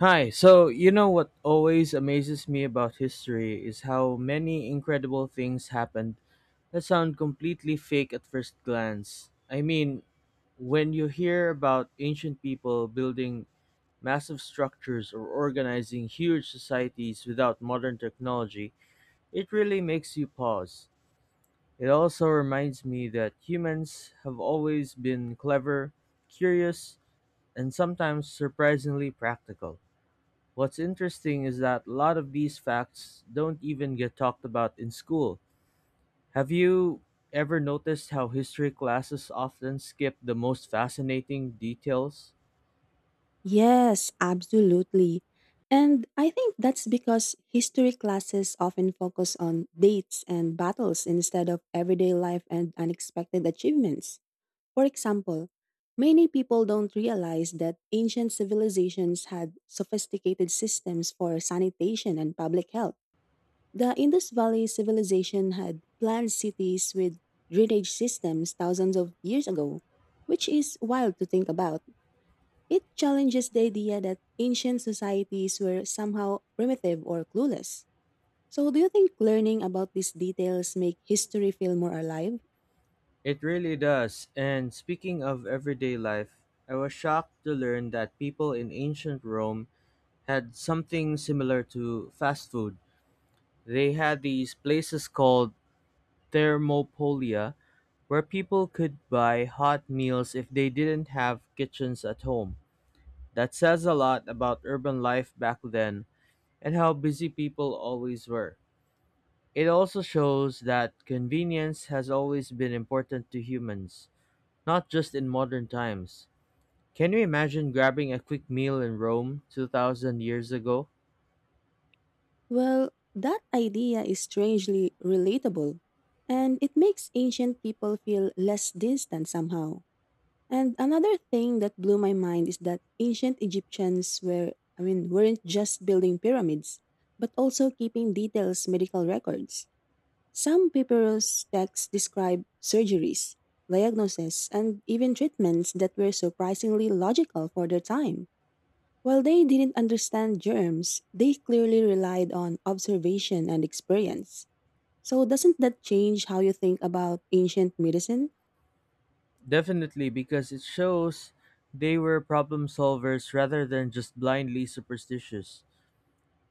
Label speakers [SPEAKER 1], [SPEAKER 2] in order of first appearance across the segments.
[SPEAKER 1] Hi, so you know what always amazes me about history is how many incredible things happened that sound completely fake at first glance. I mean, when you hear about ancient people building massive structures or organizing huge societies without modern technology, it really makes you pause. It also reminds me that humans have always been clever, curious, and sometimes surprisingly practical. What's interesting is that a lot of these facts don't even get talked about in school. Have you ever noticed how history classes often skip the most fascinating details?
[SPEAKER 2] Yes, absolutely. And I think that's because history classes often focus on dates and battles instead of everyday life and unexpected achievements. For example, many people don't realize that ancient civilizations had sophisticated systems for sanitation and public health. The Indus Valley civilization had planned cities with drainage systems thousands of years ago, which is wild to think about. It challenges the idea that ancient societies were somehow primitive or clueless. So, do you think learning about these details make history feel more alive?
[SPEAKER 1] It really does. And speaking of everyday life, I was shocked to learn that people in ancient Rome had something similar to fast food. They had these places called thermopolia where people could buy hot meals if they didn't have kitchens at home. That says a lot about urban life back then and how busy people always were. It also shows that convenience has always been important to humans, not just in modern times. Can you imagine grabbing a quick meal in Rome 2000 years ago?
[SPEAKER 2] Well, that idea is strangely relatable, and it makes ancient people feel less distant somehow. And another thing that blew my mind is that ancient Egyptians were, weren't just building pyramids, but also keeping details medical records. Some papyrus texts describe surgeries, diagnoses, and even treatments that were surprisingly logical for their time. While they didn't understand germs, they clearly relied on observation and experience. So, doesn't that change how you think about ancient medicine?
[SPEAKER 1] Definitely, because it shows they were problem solvers rather than just blindly superstitious.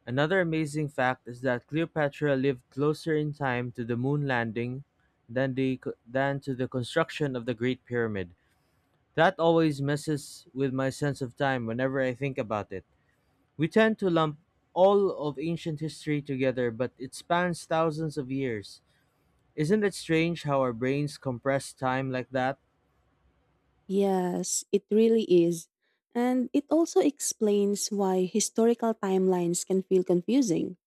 [SPEAKER 1] Another amazing fact is that Cleopatra lived closer in time to the moon landing than the than to the construction of the Great Pyramid. That always messes with my sense of time whenever I think about it. We tend to lump all of ancient history together, but it spans thousands of years. Isn't it strange how our brains compress time like that?
[SPEAKER 2] Yes, it really is. And it also explains why historical timelines can feel confusing.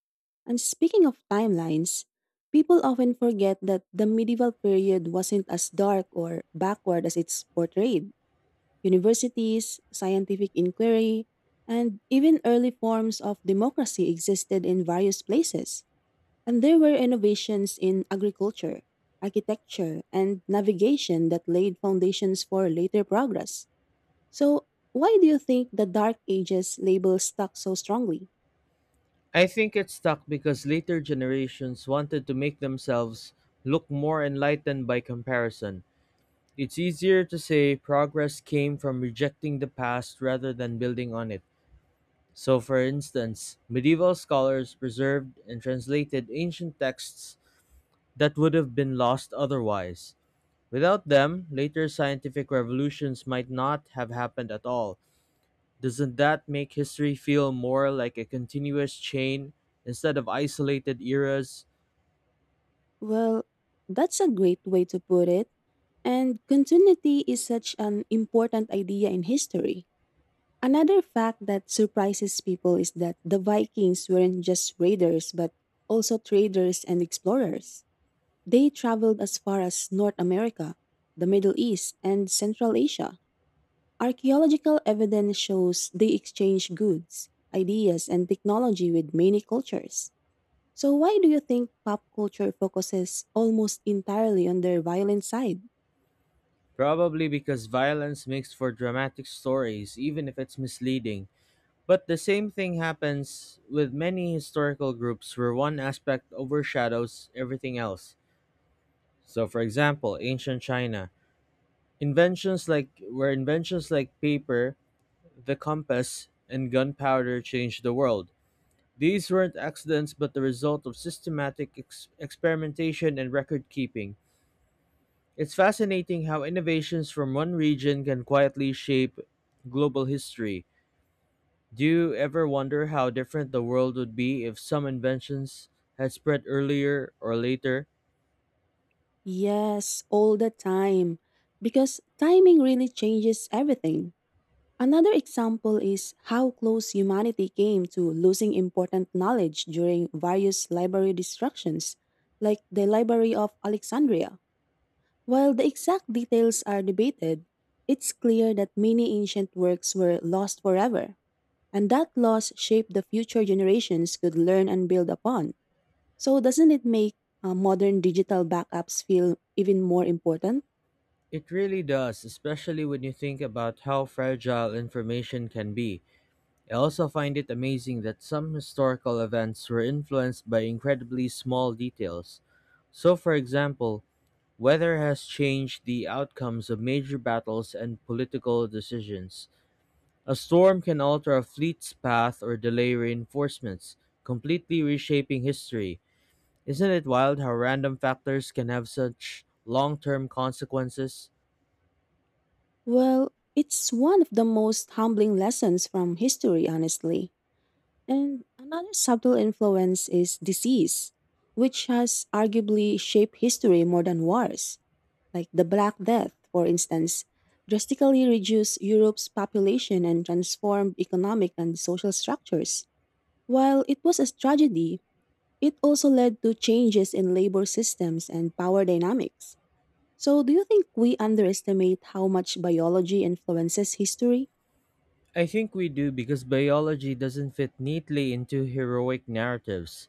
[SPEAKER 2] And speaking of timelines, people often forget that the medieval period wasn't as dark or backward as it's portrayed. Universities, scientific inquiry, and even early forms of democracy existed in various places. And there were innovations in agriculture, architecture, and navigation that laid foundations for later progress. So, why do you think the Dark Ages label stuck so strongly?
[SPEAKER 1] I think it's stuck because later generations wanted to make themselves look more enlightened by comparison. It's easier to say progress came from rejecting the past rather than building on it. So, for instance, medieval scholars preserved and translated ancient texts that would have been lost otherwise. Without them, later scientific revolutions might not have happened at all. Doesn't that make history feel more like a continuous chain instead of isolated eras?
[SPEAKER 2] Well, that's a great way to put it. And continuity is such an important idea in history. Another fact that surprises people is that the Vikings weren't just raiders, but also traders and explorers. They traveled as far as North America, the Middle East, and Central Asia. Archaeological evidence shows they exchanged goods, ideas, and technology with many cultures. So why do you think pop culture focuses almost entirely on their violent side?
[SPEAKER 1] Probably because violence makes for dramatic stories, even if it's misleading. But the same thing happens with many historical groups where one aspect overshadows everything else. So for example, ancient China, inventions like paper, the compass, and gunpowder changed the world. These weren't accidents but the result of systematic experimentation and record keeping. It's fascinating how innovations from one region can quietly shape global history. Do you ever wonder how different the world would be if some inventions had spread earlier or later?
[SPEAKER 2] Yes, all the time. Because timing really changes everything. Another example is how close humanity came to losing important knowledge during various library destructions, like the Library of Alexandria. While the exact details are debated, it's clear that many ancient works were lost forever. And that loss shaped the future generations could learn and build upon. So, doesn't it make modern digital backups feel even more important?
[SPEAKER 1] It really does, especially when you think about how fragile information can be. I also find it amazing that some historical events were influenced by incredibly small details. So, for example, weather has changed the outcomes of major battles and political decisions. A storm can alter a fleet's path or delay reinforcements, completely reshaping history. Isn't it wild how random factors can have such long term consequences?
[SPEAKER 2] Well, it's one of the most humbling lessons from history, honestly. And another subtle influence is disease, which has arguably shaped history more than wars, like the Black Death, for instance. Drastically reduced Europe's population and transformed economic and social structures. While it was a tragedy, it also led to changes in labor systems and power dynamics. So, do you think we underestimate how much biology influences history?
[SPEAKER 1] I think we do because biology doesn't fit neatly into heroic narratives.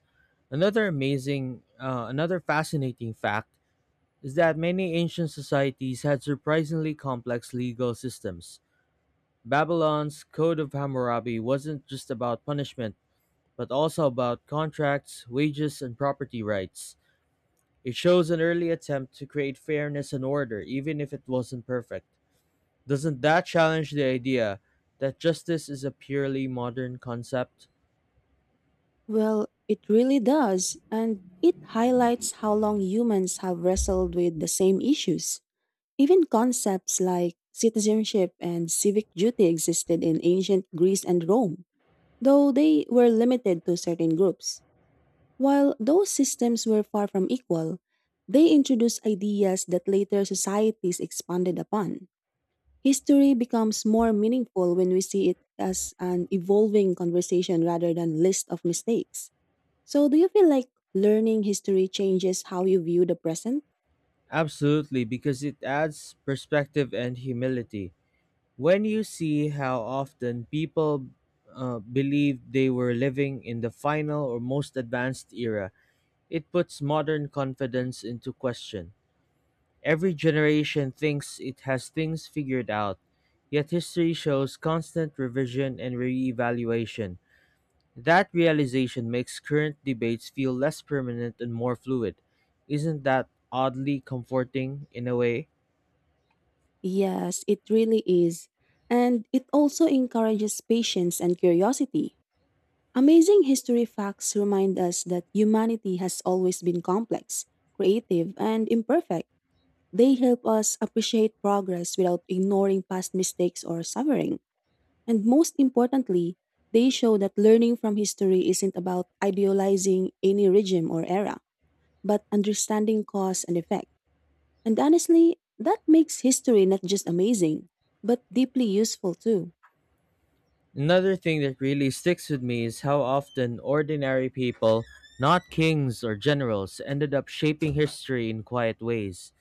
[SPEAKER 1] Another fascinating fact is that many ancient societies had surprisingly complex legal systems. Babylon's Code of Hammurabi wasn't just about punishment, but also about contracts, wages, and property rights. It shows an early attempt to create fairness and order, even if it wasn't perfect. Doesn't that challenge the idea that justice is a purely modern concept?
[SPEAKER 2] Well, it really does, and it highlights how long humans have wrestled with the same issues. Even concepts like citizenship and civic duty existed in ancient Greece and Rome, though they were limited to certain groups. While those systems were far from equal, they introduced ideas that later societies expanded upon. History becomes more meaningful when we see it as an evolving conversation rather than list of mistakes. So do you feel like learning history changes how you view the present?
[SPEAKER 1] Absolutely, because it adds perspective and humility. When you see how often people believed they were living in the final or most advanced era, it puts modern confidence into question. Every generation thinks it has things figured out, yet history shows constant revision and reevaluation. That realization makes current debates feel less permanent and more fluid. Isn't that oddly comforting in a way?
[SPEAKER 2] Yes, it really is. And it also encourages patience and curiosity. Amazing history facts remind us that humanity has always been complex, creative, and imperfect. They help us appreciate progress without ignoring past mistakes or suffering. And most importantly, they show that learning from history isn't about idealizing any regime or era, but understanding cause and effect. And honestly, that makes history not just amazing, but deeply useful too.
[SPEAKER 1] Another thing that really sticks with me is how often ordinary people, not kings or generals, ended up shaping history in quiet ways.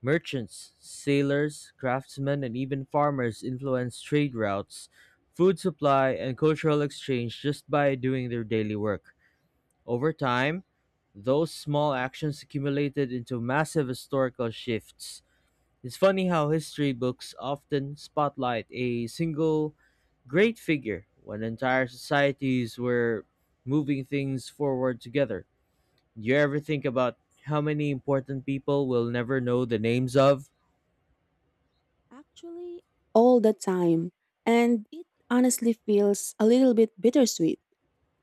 [SPEAKER 1] Merchants, sailors, craftsmen, and even farmers influenced trade routes, food supply, and cultural exchange just by doing their daily work. Over time, those small actions accumulated into massive historical shifts. It's funny how history books often spotlight a single great figure when entire societies were moving things forward together. Do you ever think about how many important people we'll never know the names of?
[SPEAKER 2] Actually, all the time. And it honestly feels a little bit bittersweet.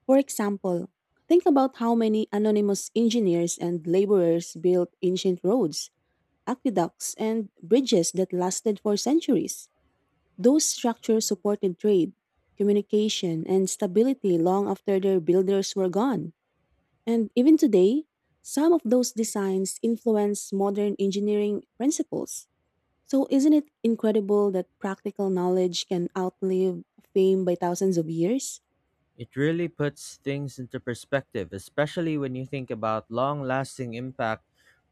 [SPEAKER 2] For example, think about how many anonymous engineers and laborers built ancient roads, aqueducts, and bridges that lasted for centuries. Those structures supported trade, communication, and stability long after their builders were gone. And even today, some of those designs influence modern engineering principles. So, isn't it incredible that practical knowledge can outlive fame by thousands of years?
[SPEAKER 1] It really puts things into perspective, especially when you think about long lasting impact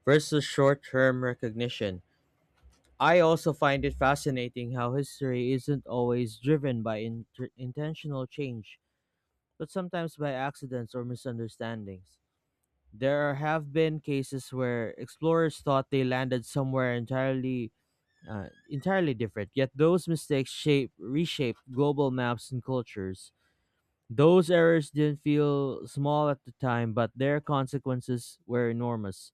[SPEAKER 1] versus short term recognition. I also find it fascinating how history isn't always driven by intentional change, but sometimes by accidents or misunderstandings. There have been cases where explorers thought they landed somewhere entirely different, yet those mistakes shape reshape global maps and cultures. Those errors didn't feel small at the time, but their consequences were enormous.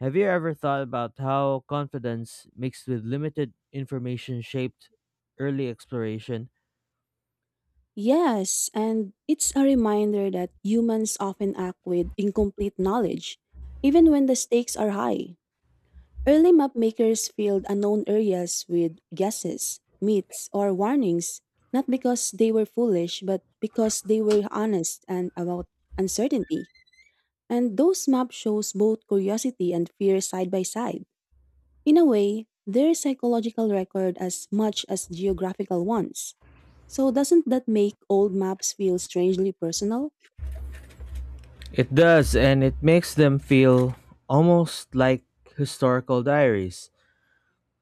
[SPEAKER 1] Have you ever thought about how confidence mixed with limited information shaped early exploration?
[SPEAKER 2] Yes, and it's a reminder that humans often act with incomplete knowledge, even when the stakes are high. Early map makers filled unknown areas with guesses, myths, or warnings, not because they were foolish, but because they were honest and about uncertainty. And those maps shows both curiosity and fear side by side. In a way, their psychological record as much as geographical ones. So doesn't that make old maps feel strangely personal?
[SPEAKER 1] It does, and it makes them feel almost like historical diaries.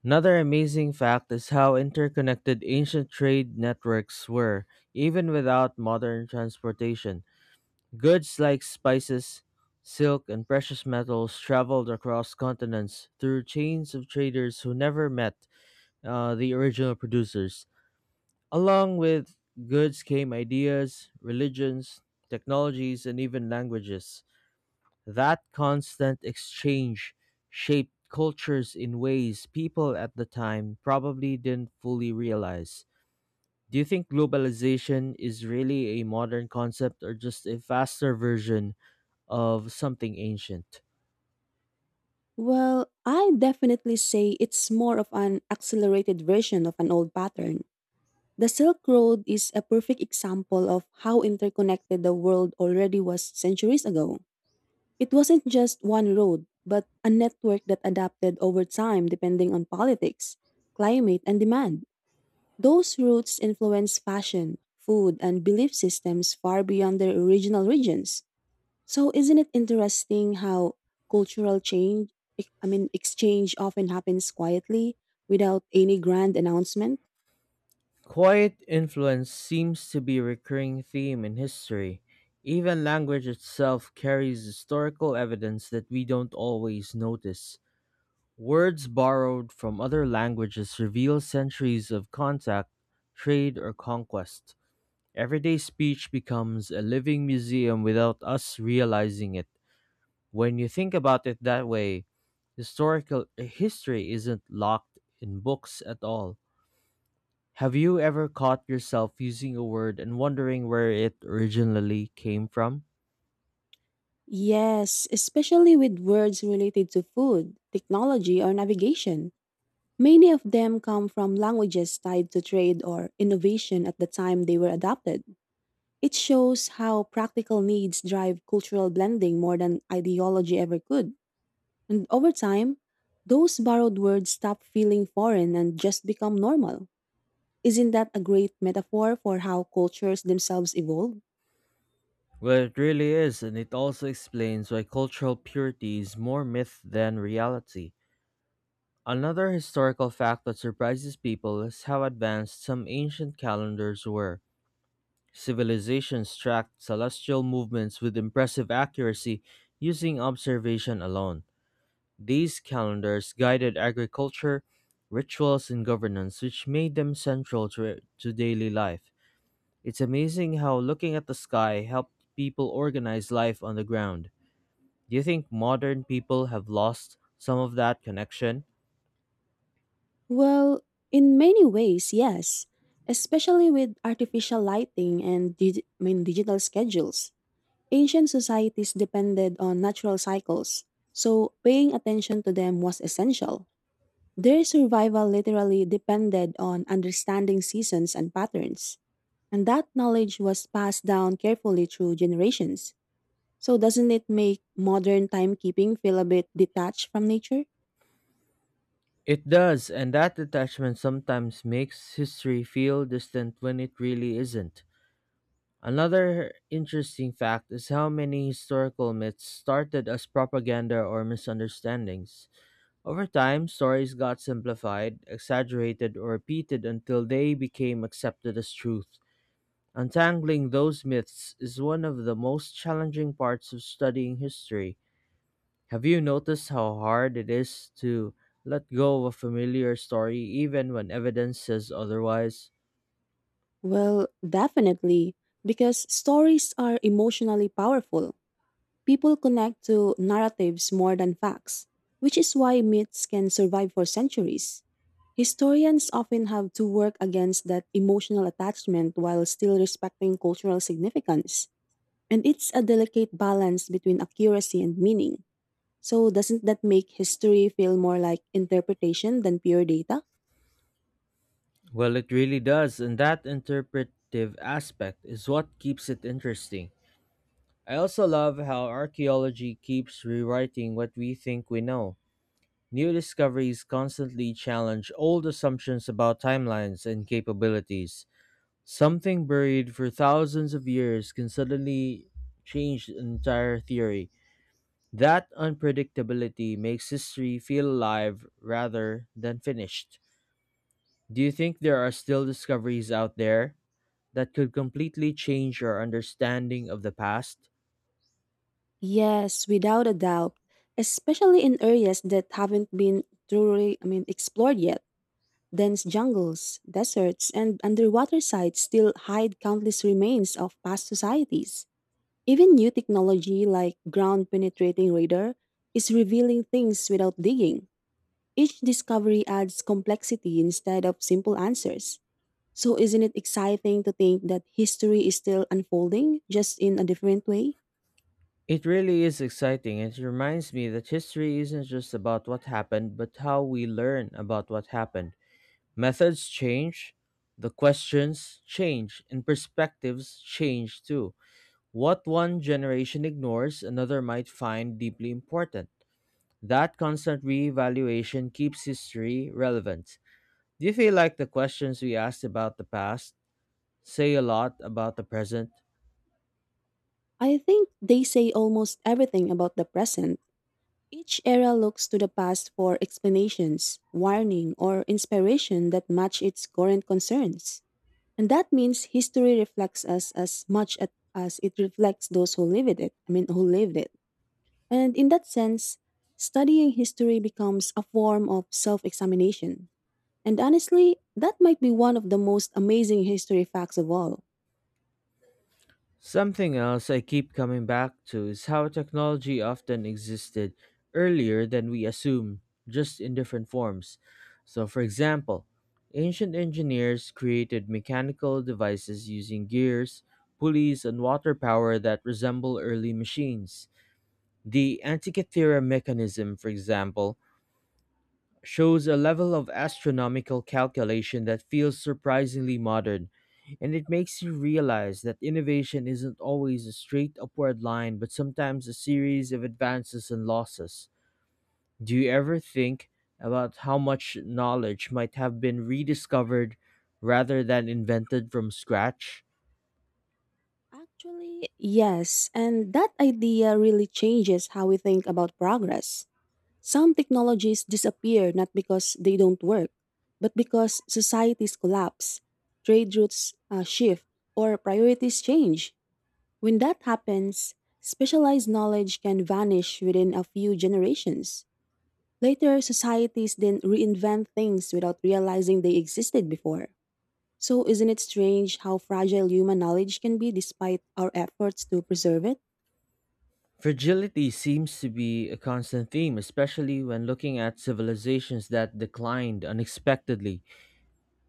[SPEAKER 1] Another amazing fact is how interconnected ancient trade networks were, even without modern transportation. Goods like spices, silk, and precious metals traveled across continents through chains of traders who never met the original producers. Along with goods came ideas, religions, technologies, and even languages. That constant exchange shaped cultures in ways people at the time probably didn't fully realize. Do you think globalization is really a modern concept or just a faster version of something ancient?
[SPEAKER 2] Well, I definitely say it's more of an accelerated version of an old pattern. The Silk Road is a perfect example of how interconnected the world already was centuries ago. It wasn't just one road, but a network that adapted over time depending on politics, climate, and demand. Those routes influenced fashion, food, and belief systems far beyond their original regions. So isn't it interesting how cultural exchange often happens quietly without any grand announcement?
[SPEAKER 1] Quiet influence seems to be a recurring theme in history. Even language itself carries historical evidence that we don't always notice. Words borrowed from other languages reveal centuries of contact, trade, or conquest. Everyday speech becomes a living museum without us realizing it. When you think about it that way, historical history isn't locked in books at all. Have you ever caught yourself using a word and wondering where it originally came from?
[SPEAKER 2] Yes, especially with words related to food, technology, or navigation. Many of them come from languages tied to trade or innovation at the time they were adopted. It shows how practical needs drive cultural blending more than ideology ever could. And over time, those borrowed words stop feeling foreign and just become normal. Isn't that a great metaphor for how cultures themselves evolve?
[SPEAKER 1] Well, it really is, and it also explains why cultural purity is more myth than reality. Another historical fact that surprises people is how advanced some ancient calendars were. Civilizations tracked celestial movements with impressive accuracy using observation alone. These calendars guided agriculture, rituals, and governance, which made them central to daily life. It's amazing how looking at the sky helped people organize life on the ground. Do you think modern people have lost some of that connection?
[SPEAKER 2] Well, in many ways, yes, especially with artificial lighting and digital schedules. Ancient societies depended on natural cycles, so paying attention to them was essential. Their survival literally depended on understanding seasons and patterns, and that knowledge was passed down carefully through generations. So, doesn't it make modern timekeeping feel a bit detached from nature?
[SPEAKER 1] It does, and that detachment sometimes makes history feel distant when it really isn't. Another interesting fact is how many historical myths started as propaganda or misunderstandings. Over time, stories got simplified, exaggerated, or repeated until they became accepted as truth. Untangling those myths is one of the most challenging parts of studying history. Have you noticed how hard it is to let go of a familiar story even when evidence says otherwise?
[SPEAKER 2] Well, definitely, because stories are emotionally powerful. People connect to narratives more than facts, which is why myths can survive for centuries. Historians often have to work against that emotional attachment while still respecting cultural significance. And it's a delicate balance between accuracy and meaning. So, doesn't that make history feel more like interpretation than pure data?
[SPEAKER 1] Well, it really does, and that interpretive aspect is what keeps it interesting. I also love how archaeology keeps rewriting what we think we know. New discoveries constantly challenge old assumptions about timelines and capabilities. Something buried for thousands of years can suddenly change the entire theory. That unpredictability makes history feel alive rather than finished. Do you think there are still discoveries out there that could completely change our understanding of the past?
[SPEAKER 2] Yes, without a doubt, especially in areas that haven't been explored yet. Dense jungles, deserts, and underwater sites still hide countless remains of past societies. Even new technology like ground penetrating radar is revealing things without digging. Each discovery adds complexity instead of simple answers. So, isn't it exciting to think that history is still unfolding, just in a different way?
[SPEAKER 1] It really is exciting. It reminds me that history isn't just about what happened, but how we learn about what happened. Methods change, the questions change, and perspectives change too. What one generation ignores, another might find deeply important. That constant reevaluation keeps history relevant. Do you feel like the questions we asked about the past say a lot about the present?
[SPEAKER 2] I think they say almost everything about the present. Each era looks to the past for explanations, warning, or inspiration that match its current concerns. And that means history reflects us as much at- as it reflects those who lived it, I mean, who lived it. And in that sense, studying history becomes a form of self examination. And honestly, that might be one of the most amazing history facts of all.
[SPEAKER 1] Something else I keep coming back to is how technology often existed earlier than we assume, just in different forms. So, for example, ancient engineers created mechanical devices using gears, pulleys, and water power that resemble early machines. The Antikythera mechanism, for example, shows a level of astronomical calculation that feels surprisingly modern, and it makes you realize that innovation isn't always a straight upward line but sometimes a series of advances and losses. Do you ever think about how much knowledge might have been rediscovered rather than invented from scratch?
[SPEAKER 2] Actually, yes, and that idea really changes how we think about progress. Some technologies disappear not because they don't work, but because societies collapse, trade routes shift, or priorities change. When that happens, specialized knowledge can vanish within a few generations. Later, societies then reinvent things without realizing they existed before. So, isn't it strange how fragile human knowledge can be despite our efforts to preserve it?
[SPEAKER 1] Fragility seems to be a constant theme, especially when looking at civilizations that declined unexpectedly.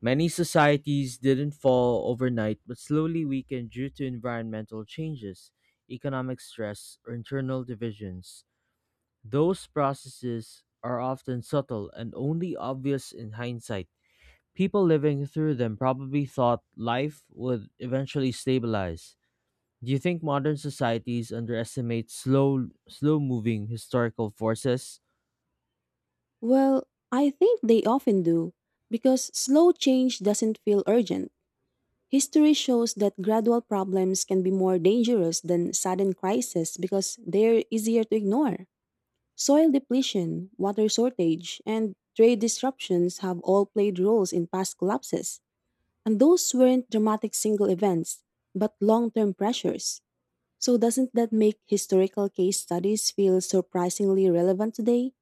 [SPEAKER 1] Many societies didn't fall overnight but slowly weakened due to environmental changes, economic stress, or internal divisions. Those processes are often subtle and only obvious in hindsight. People living through them probably thought life would eventually stabilize. Do you think modern societies underestimate slow moving historical forces?
[SPEAKER 2] Well, I think they often do, because slow change doesn't feel urgent. History shows that gradual problems can be more dangerous than sudden crises because they're easier to ignore. Soil depletion, water shortage, and trade disruptions have all played roles in past collapses, and those weren't dramatic single events, but long term pressures. So, doesn't that make historical case studies feel surprisingly relevant today?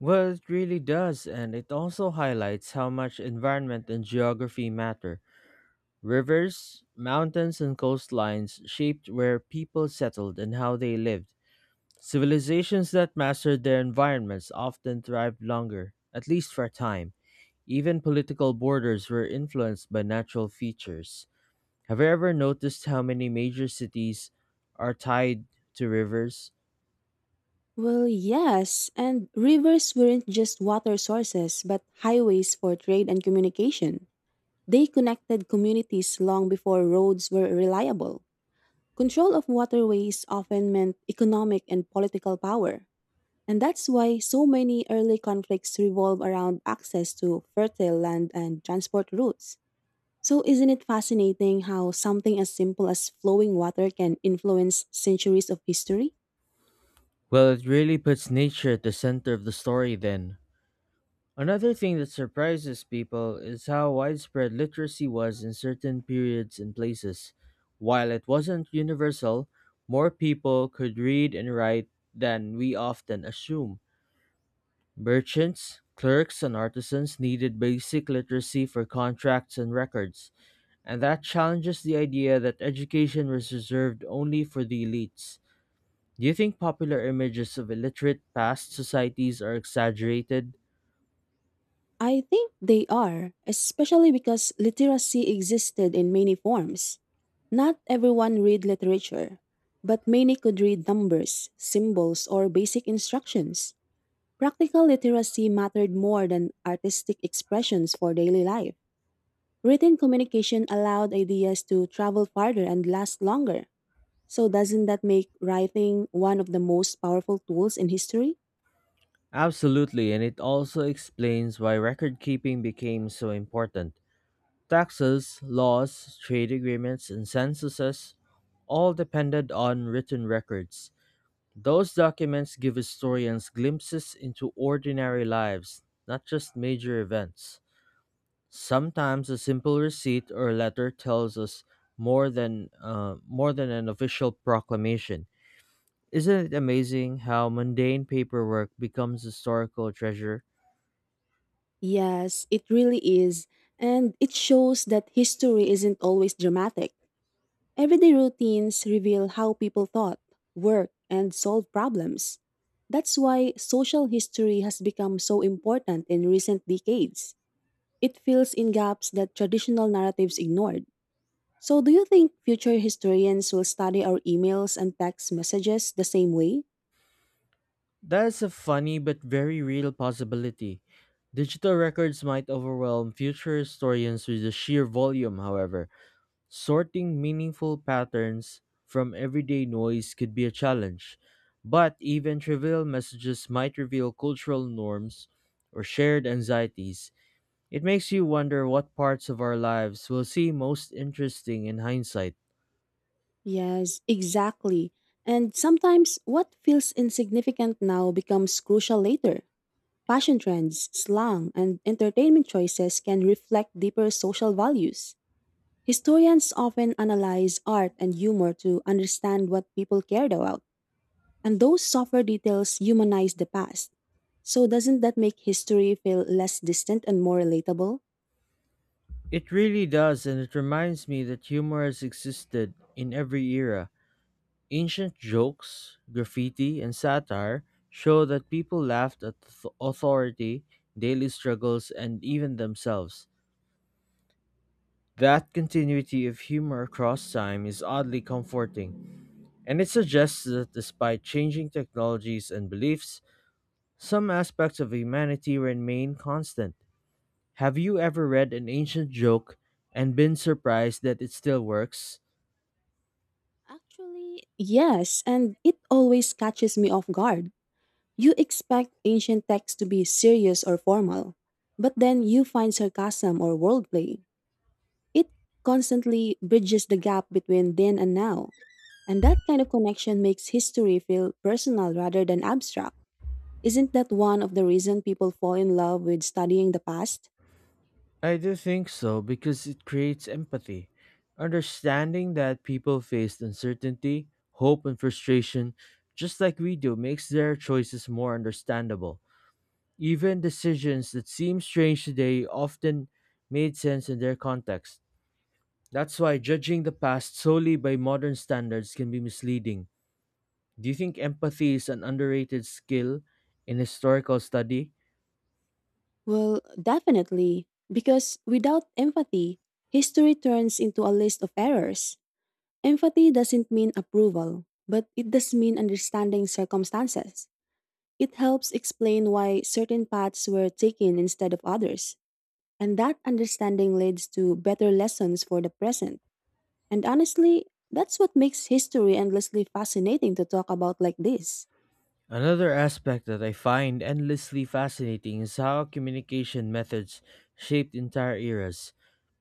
[SPEAKER 1] Well, it really does, and it also highlights how much environment and geography matter. Rivers, mountains, and coastlines shaped where people settled and how they lived. Civilizations that mastered their environments often thrived longer, at least for a time. Even political borders were influenced by natural features. Have you ever noticed how many major cities are tied to rivers?
[SPEAKER 2] Well, yes, and rivers weren't just water sources, but highways for trade and communication. They connected communities long before roads were reliable. Control of waterways often meant economic and political power, and that's why so many early conflicts revolve around access to fertile land and transport routes. So, isn't it fascinating how something as simple as flowing water can influence centuries of history?
[SPEAKER 1] Well, it really puts nature at the center of the story then. Another thing that surprises people is how widespread literacy was in certain periods and places. While it wasn't universal, more people could read and write than we often assume. Merchants, clerks, and artisans needed basic literacy for contracts and records, and that challenges the idea that education was reserved only for the elites. Do you think popular images of illiterate past societies are exaggerated?
[SPEAKER 2] I think they are, especially because literacy existed in many forms. Not everyone read literature, but many could read numbers, symbols, or basic instructions. Practical literacy mattered more than artistic expressions for daily life. Written communication allowed ideas to travel farther and last longer. So, doesn't that make writing one of the most powerful tools in history?
[SPEAKER 1] Absolutely, and it also explains why record keeping became so important. Taxes, laws, trade agreements, and censuses all depended on written records. Those documents give historians glimpses into ordinary lives, not just major events. Sometimes a simple receipt or letter tells us more than an official proclamation. Isn't it amazing how mundane paperwork becomes historical treasure?
[SPEAKER 2] Yes, it really is. And it shows that history isn't always dramatic. Everyday routines reveal how people thought, worked, and solved problems. That's why social history has become so important in recent decades. It fills in gaps that traditional narratives ignored. So, do you think future historians will study our emails and text messages the same way?
[SPEAKER 1] That's a funny but very real possibility. Digital records might overwhelm future historians with the sheer volume, however. Sorting meaningful patterns from everyday noise could be a challenge. But even trivial messages might reveal cultural norms or shared anxieties. It makes you wonder what parts of our lives will seem most interesting in hindsight.
[SPEAKER 2] Yes, exactly. And sometimes what feels insignificant now becomes crucial later. Fashion trends, slang, and entertainment choices can reflect deeper social values. Historians often analyze art and humor to understand what people cared about, and those softer details humanize the past. So, doesn't that make history feel less distant and more relatable?
[SPEAKER 1] It really does, and it reminds me that humor has existed in every era. Ancient jokes, graffiti, and satire show that people laughed at authority, daily struggles, and even themselves. That continuity of humor across time is oddly comforting, and it suggests that despite changing technologies and beliefs, some aspects of humanity remain constant. Have you ever read an ancient joke and been surprised that it still works?
[SPEAKER 2] Actually, yes, and it always catches me off guard. You expect ancient texts to be serious or formal, but then you find sarcasm or wordplay. It constantly bridges the gap between then and now. And that kind of connection makes history feel personal rather than abstract. Isn't that one of the reasons people fall in love with studying the past?
[SPEAKER 1] I do think so because it creates empathy. Understanding that people face uncertainty, hope, and frustration just like we do makes their choices more understandable. Even decisions that seem strange today often made sense in their context. That's why judging the past solely by modern standards can be misleading. Do you think empathy is an underrated skill in historical study?
[SPEAKER 2] Well, definitely, because without empathy, history turns into a list of errors. Empathy doesn't mean approval, but it does mean understanding circumstances. It helps explain why certain paths were taken instead of others, and that understanding leads to better lessons for the present. And honestly, that's what makes history endlessly fascinating to talk about like this.
[SPEAKER 1] Another aspect that I find endlessly fascinating is how communication methods shaped entire eras.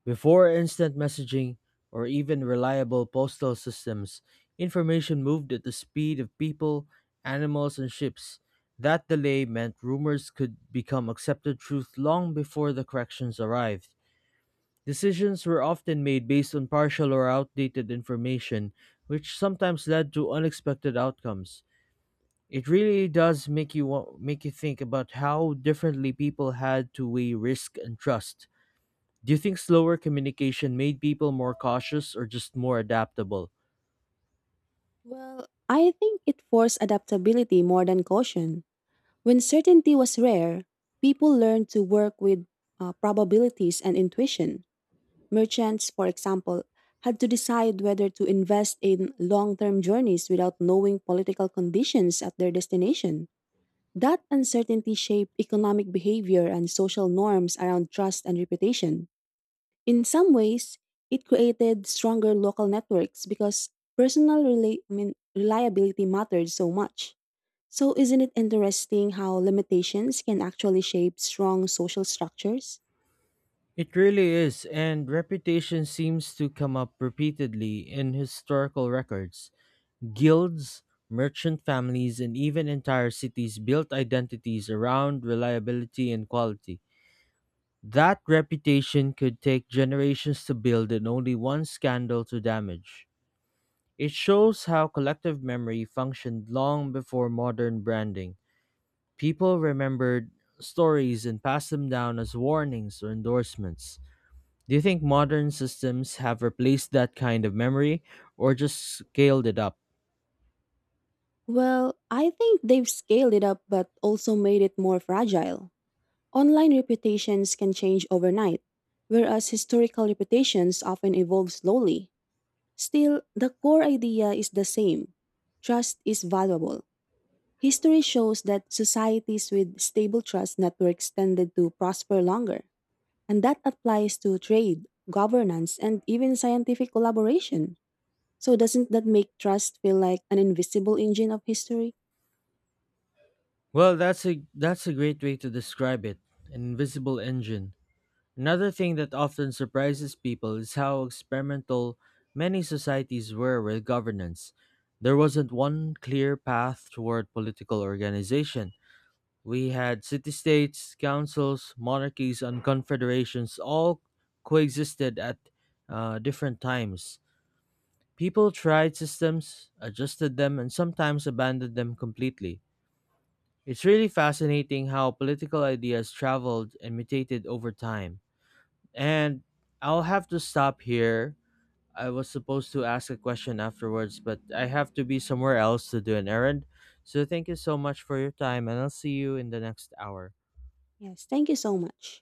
[SPEAKER 1] Before instant messaging or even reliable postal systems, information moved at the speed of people, animals, and ships. That delay meant rumors could become accepted truth long before the corrections arrived. Decisions were often made based on partial or outdated information, which sometimes led to unexpected outcomes. It really does make you think about how differently people had to weigh risk and trust. Do you think slower communication made people more cautious or just more adaptable?
[SPEAKER 2] Well, I think it forced adaptability more than caution. When certainty was rare, people learned to work with probabilities and intuition. Merchants, for example, had to decide whether to invest in long term journeys without knowing political conditions at their destination. That uncertainty shaped economic behavior and social norms around trust and reputation. In some ways, it created stronger local networks because personal rela- I mean, reliability mattered so much. So, isn't it interesting how limitations can actually shape strong social structures?
[SPEAKER 1] It really is, and reputation seems to come up repeatedly in historical records. Guilds, merchant families, and even entire cities built identities around reliability and quality. That reputation could take generations to build and only one scandal to damage. It shows how collective memory functioned long before modern branding. People remembered stories and passed them down as warnings or endorsements. Do you think modern systems have replaced that kind of memory or just scaled it up?
[SPEAKER 2] Well, I think they've scaled it up but also made it more fragile. Online reputations can change overnight, whereas historical reputations often evolve slowly. Still, the core idea is the same trust is valuable. History shows that societies with stable trust networks tended to prosper longer, and that applies to trade, governance, and even scientific collaboration. So, doesn't that make trust feel like an invisible engine of history?
[SPEAKER 1] Well, that's a great way to describe it. An invisible engine. Another thing that often surprises people is how experimental many societies were with governance. There wasn't one clear path toward political organization. We had city states, councils, monarchies, and confederations all coexisted at different times. People tried systems, adjusted them, and sometimes abandoned them completely. It's really fascinating how political ideas traveled and mutated over time. And I'll have to stop here. I was supposed to ask a question afterwards, but I have to be somewhere else to do an errand. So thank you so much for your time, and I'll see you in the next hour.
[SPEAKER 2] Yes, thank you so much.